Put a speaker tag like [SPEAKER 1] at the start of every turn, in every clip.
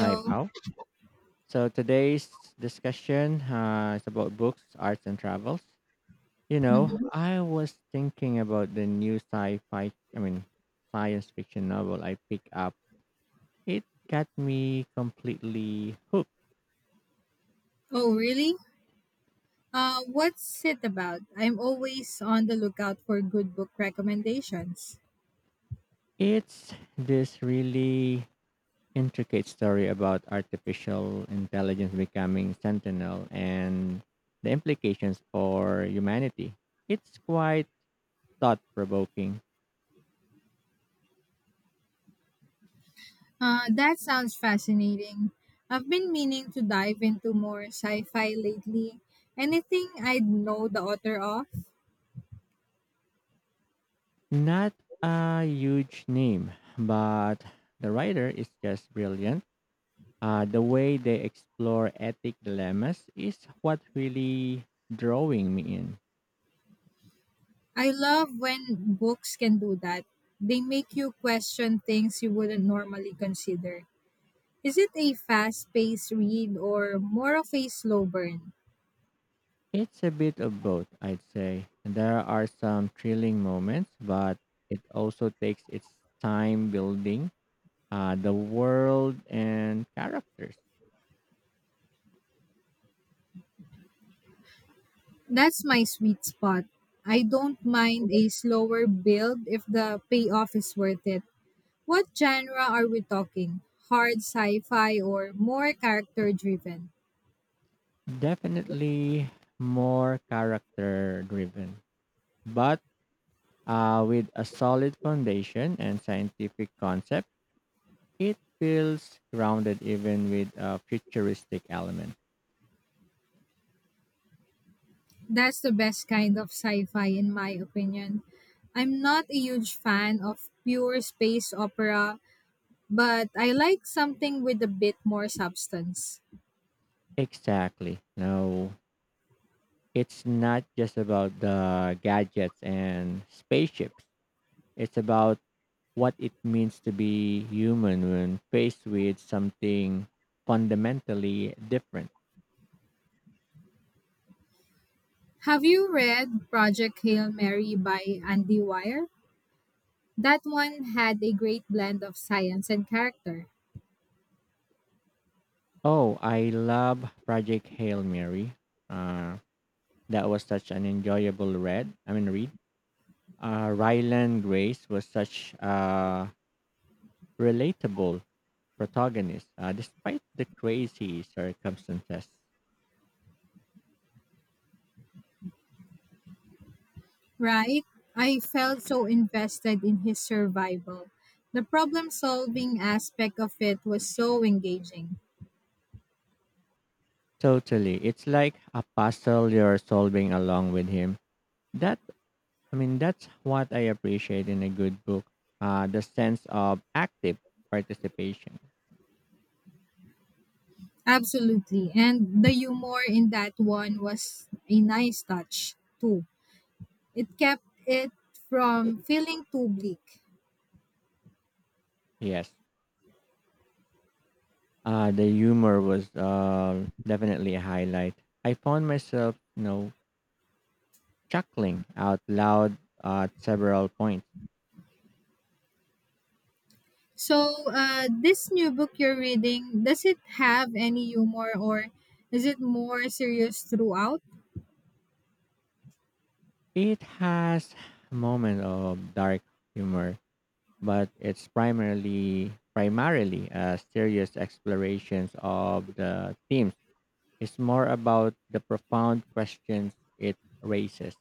[SPEAKER 1] Hi, Pao. So today's discussion is about books, arts, and travels. You know,
[SPEAKER 2] Hmm.
[SPEAKER 1] I was thinking about the new sci-fi, I mean, science fiction novel I picked up. It got me completely hooked.
[SPEAKER 2] Oh, really? What's it about? I'm always on the lookout for good book recommendations.
[SPEAKER 1] It's this really intricate story about artificial intelligence becoming sentinel and the implications for humanity. It's quite thought-provoking.
[SPEAKER 2] That sounds fascinating. I've been meaning to dive into more sci fi lately. Anything I'd know the author of?
[SPEAKER 1] Not a huge name, but the writer is just brilliant. The way they explore ethic dilemmas is what really drawing me in.
[SPEAKER 2] I love when books can do that. They make you question things you wouldn't normally consider. Is it a fast paced read or more of a slow burn?
[SPEAKER 1] It's a bit of both, I'd say. There are some thrilling moments, but it also takes its time building the world and characters.
[SPEAKER 2] That's my sweet spot. I don't mind a slower build if the payoff is worth it. What genre are we talking? Hard sci fi or more character driven?
[SPEAKER 1] Definitely more character driven. But with a solid foundation and scientific concept, it feels grounded even with a futuristic element.
[SPEAKER 2] That's the best kind of sci fi, in my opinion. I'm not a huge fan of pure space opera, but I like something with a bit more substance.
[SPEAKER 1] Exactly. No, it's not just about the gadgets and spaceships. It's about what it means to be human when faced with something fundamentally different.
[SPEAKER 2] Have you read Project Hail Mary by Andy Weir? That one had a great blend of science and character.
[SPEAKER 1] Oh, I love Project Hail Mary. Uh, that was such an enjoyable read. I mean, read Ryland Grace was such a relatable protagonist, despite the crazy circumstances.
[SPEAKER 2] Right? I felt so invested in his survival. The problem solving aspect of it was so engaging.
[SPEAKER 1] Totally, it's like a puzzle you're solving along with him. That I mean, that's what I appreciate in a good book: the sense of active participation.
[SPEAKER 2] Absolutely. And the humor in that one was a nice touch, too. It kept it from feeling too bleak.
[SPEAKER 1] Yes, the humor was definitely a highlight. I found myself, you know, chuckling out loud at several points.
[SPEAKER 2] So, this new book you're reading, does it have any humor or is it more serious throughout?
[SPEAKER 1] It has moments of dark humor, but it's primarily a serious explorations of the themes. It's more about the profound questions it raises.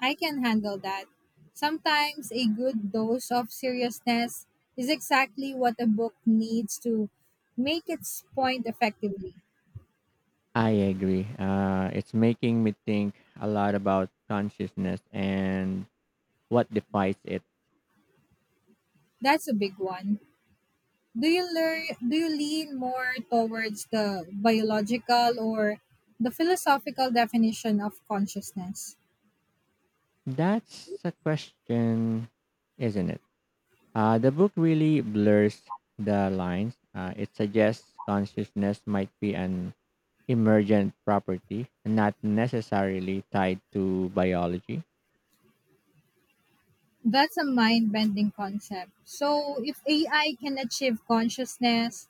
[SPEAKER 2] I can handle that. Sometimes a good dose of seriousness is exactly what a book needs to make its point effectively.
[SPEAKER 1] I agree. It's making me think a lot about consciousness and what defines it.
[SPEAKER 2] That's a big one. Do you lean more towards the biological or the philosophical definition of consciousness?
[SPEAKER 1] That's a question, isn't it? The book really blurs the lines. It suggests consciousness might be an emergent property, not necessarily tied to biology.
[SPEAKER 2] That's a mind-bending concept. So if AI can achieve consciousness,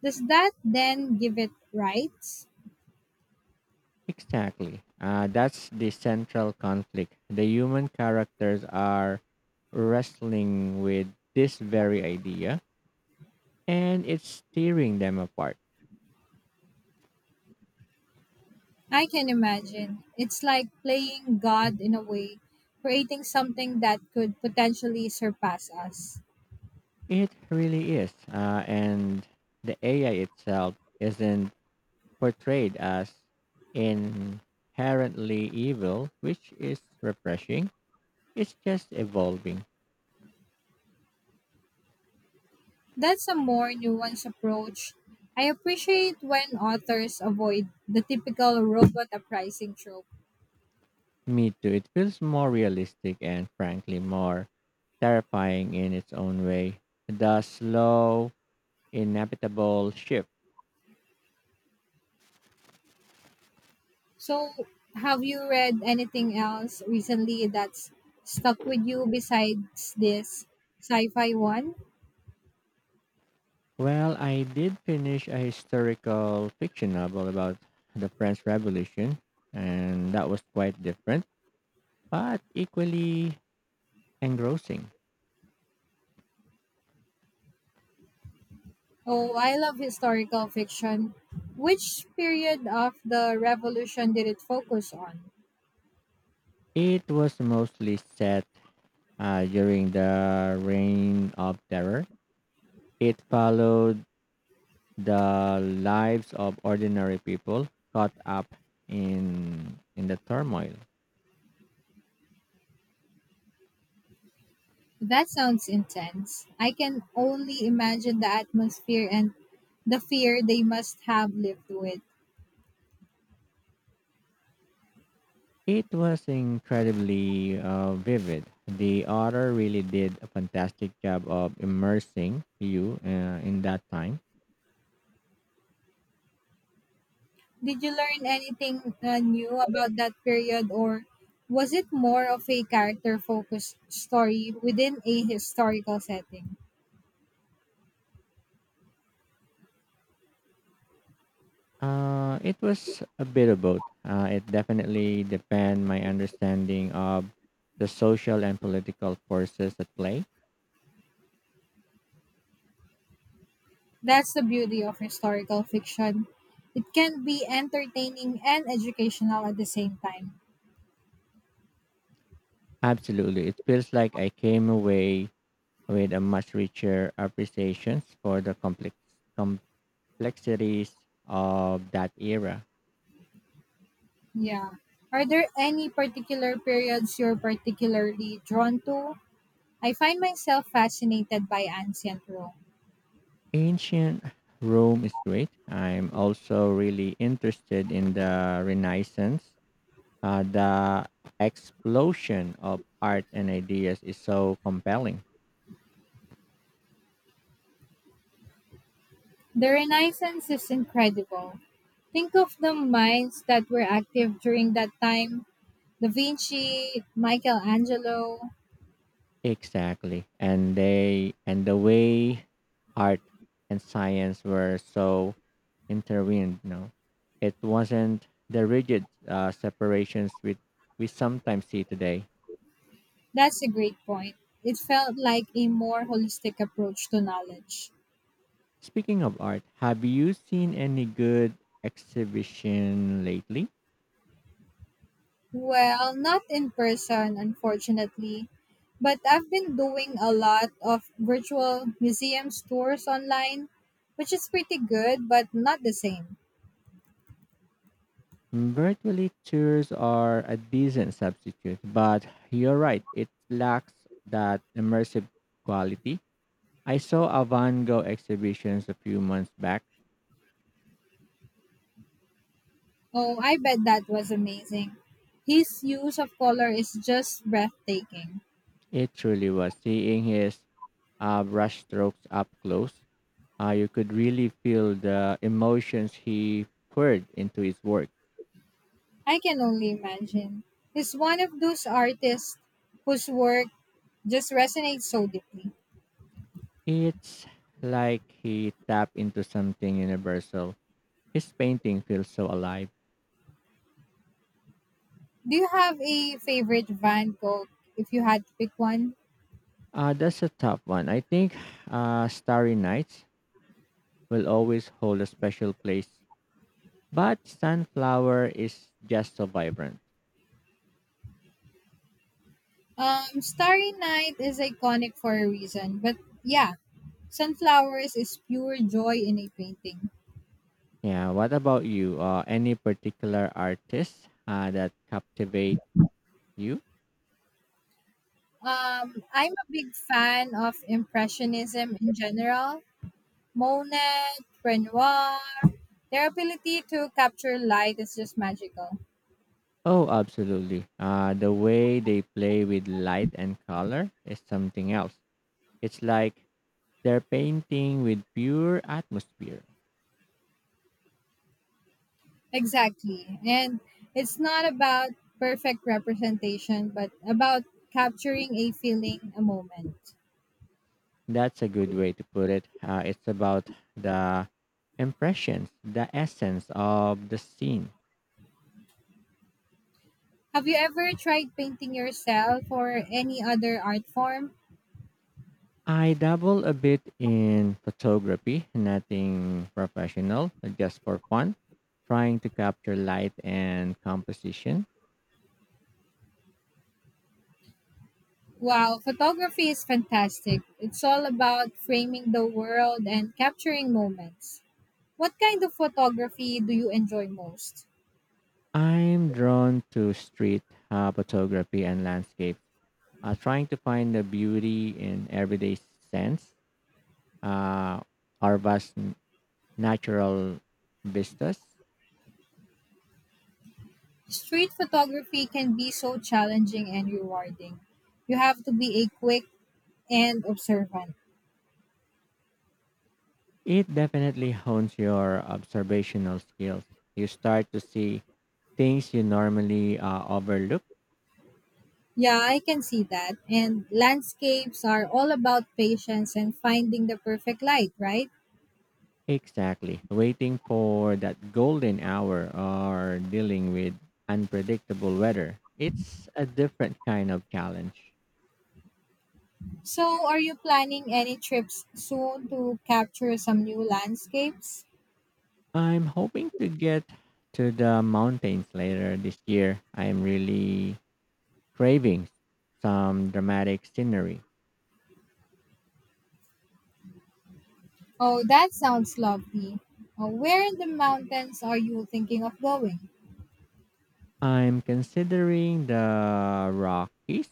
[SPEAKER 2] does that then give it rights?
[SPEAKER 1] Exactly. That's the central conflict. The human characters are wrestling with this very idea, and it's tearing them apart.
[SPEAKER 2] I can imagine. It's like playing God in a way, creating something that could potentially surpass us.
[SPEAKER 1] It really is. And the AI itself isn't portrayed as inherently evil, which is refreshing. It's just evolving.
[SPEAKER 2] That's a more nuanced approach. I appreciate when authors avoid the typical robot uprising trope.
[SPEAKER 1] Me too. It feels more realistic and frankly more terrifying in its own way. The slow, inevitable shift.
[SPEAKER 2] So, have you read anything else recently that's stuck with you besides this sci fi one?
[SPEAKER 1] Well, I did finish a historical fiction novel about the French Revolution, and that was quite different, but equally engrossing.
[SPEAKER 2] Oh, I love historical fiction. Which period of the revolution did it focus on?
[SPEAKER 1] It was mostly set during the Reign of Terror. It followed the lives of ordinary people caught up in the turmoil.
[SPEAKER 2] That sounds intense. I can only imagine the atmosphere and the fear they must have lived with.
[SPEAKER 1] It was incredibly vivid. The author really did a fantastic job of immersing you in that time.
[SPEAKER 2] Did you learn anything new about that period, or was it more of a character focused story within a historical setting?
[SPEAKER 1] It was a bit of both. It definitely deepened my understanding of the social and political forces at play.
[SPEAKER 2] That's the beauty of historical fiction. It can be entertaining and educational at the same time.
[SPEAKER 1] Absolutely. It feels like I came away with a much richer appreciation for the complexities of that era.
[SPEAKER 2] Yeah. Are there any particular periods you're particularly drawn to? I find myself fascinated by ancient Rome.
[SPEAKER 1] Ancient Rome is great. I'm also really interested in the Renaissance. The explosion of art and ideas is so compelling.
[SPEAKER 2] The Renaissance is incredible. Think of the minds that were active during that time, Da Vinci, Michelangelo.
[SPEAKER 1] Exactly. And the way art and science were so intertwined, you know, it wasn't the rigid separations we sometimes see today.
[SPEAKER 2] That's a great point. It felt like a more holistic approach to knowledge.
[SPEAKER 1] Speaking of art, have you seen any good exhibition lately?
[SPEAKER 2] Well, not in person, unfortunately, but I've been doing a lot of virtual museum tours online, which is pretty good, but not the same.
[SPEAKER 1] Mm, virtually tours are a decent substitute, but you're right, it lacks that immersive quality. I saw a Van Gogh exhibitions a few months back.
[SPEAKER 2] Oh, I bet that was amazing. His use of color is just breathtaking.
[SPEAKER 1] It truly was. Seeing his brush strokes up close, you could really feel the emotions he poured into his work.
[SPEAKER 2] I can only imagine. He's one of those artists whose work just resonates so deeply.
[SPEAKER 1] It's like he tapped into something universal. His painting feels so alive.
[SPEAKER 2] Do you have a favorite Van Gogh if you had to pick one?
[SPEAKER 1] That's a tough one. I think Starry Nights will always hold a special place, but Sunflower is just so vibrant.
[SPEAKER 2] Starry Night is iconic for a reason, but yeah, Sunflowers is pure joy in a painting.
[SPEAKER 1] Yeah, what about you? Any particular artist that captivate you?
[SPEAKER 2] I'm a big fan of Impressionism in general. Monet, Renoir, their ability to capture light is just magical.
[SPEAKER 1] Oh, absolutely. The way they play with light and color is something else. It's like they're painting with pure atmosphere.
[SPEAKER 2] Exactly. And it's not about perfect representation, but about capturing a feeling, a moment.
[SPEAKER 1] That's a good way to put it. It's about the impressions, the essence of the scene.
[SPEAKER 2] Have you ever tried painting yourself or any other art form?
[SPEAKER 1] I dabble a bit in photography, nothing professional, just for fun, trying to capture light and composition.
[SPEAKER 2] Wow, photography is fantastic. It's all about framing the world and capturing moments. What kind of photography do you enjoy most?
[SPEAKER 1] I'm drawn to street photography and landscape, trying to find the beauty in everyday sense, uh, our vast natural vistas.
[SPEAKER 2] Street photography can be so challenging and rewarding. You have to be a quick and observant.
[SPEAKER 1] It definitely hones your observational skills. You start to see things you normally overlook.
[SPEAKER 2] Yeah, I can see that. And landscapes are all about patience and finding the perfect light, right?
[SPEAKER 1] Exactly. Waiting for that golden hour or dealing with unpredictable weather. It's a different kind of challenge.
[SPEAKER 2] So, are you planning any trips soon to capture some new landscapes?
[SPEAKER 1] I'm hoping to get to the mountains later this year. I'm really cravings some dramatic scenery.
[SPEAKER 2] Oh, that sounds lovely. Where in the mountains are you thinking of going?
[SPEAKER 1] I'm considering the Rockies.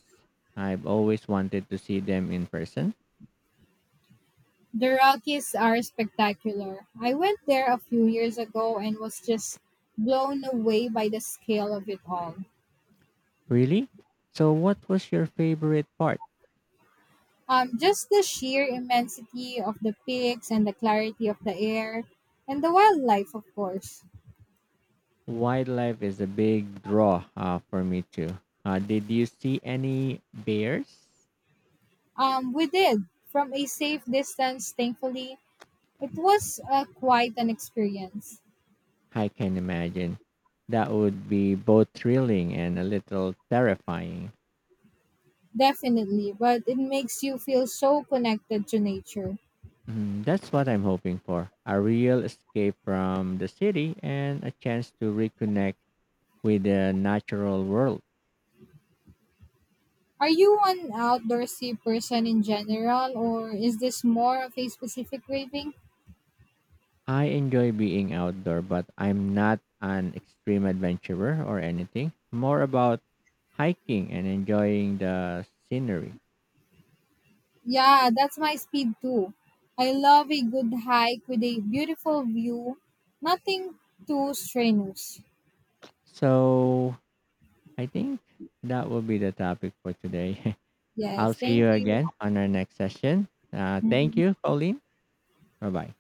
[SPEAKER 1] I've always wanted to see them in person.
[SPEAKER 2] The Rockies are spectacular. I went there a few years ago and was just blown away by the scale of it all.
[SPEAKER 1] Really? So, what was your favorite part?
[SPEAKER 2] Just the sheer immensity of the peaks and the clarity of the air and the wildlife, of course.
[SPEAKER 1] Wildlife is a big draw for me too. Did you see any bears?
[SPEAKER 2] We did, from a safe distance, thankfully. It was quite an experience,
[SPEAKER 1] I can imagine. That would be both thrilling and a little terrifying.
[SPEAKER 2] definitely, but it makes you feel so connected to nature.
[SPEAKER 1] Mhm. That's what I'm hoping for, a real escape from the city and a chance to reconnect with the natural world.
[SPEAKER 2] Are you an outdoorsy person in general, or is this more of a specific craving?
[SPEAKER 1] I enjoy being outdoor, but I'm not an extreme adventurer or anything. More about hiking and enjoying the scenery.
[SPEAKER 2] Yeah, that's my speed too. I love a good hike with a beautiful view, nothing too strenuous.
[SPEAKER 1] So I think that will be the topic for today. I'll
[SPEAKER 2] Yes,
[SPEAKER 1] see
[SPEAKER 2] thank
[SPEAKER 1] you
[SPEAKER 2] you.
[SPEAKER 1] again on our next session. Thank
[SPEAKER 2] Mhm.
[SPEAKER 1] you, Pauline. Bye bye.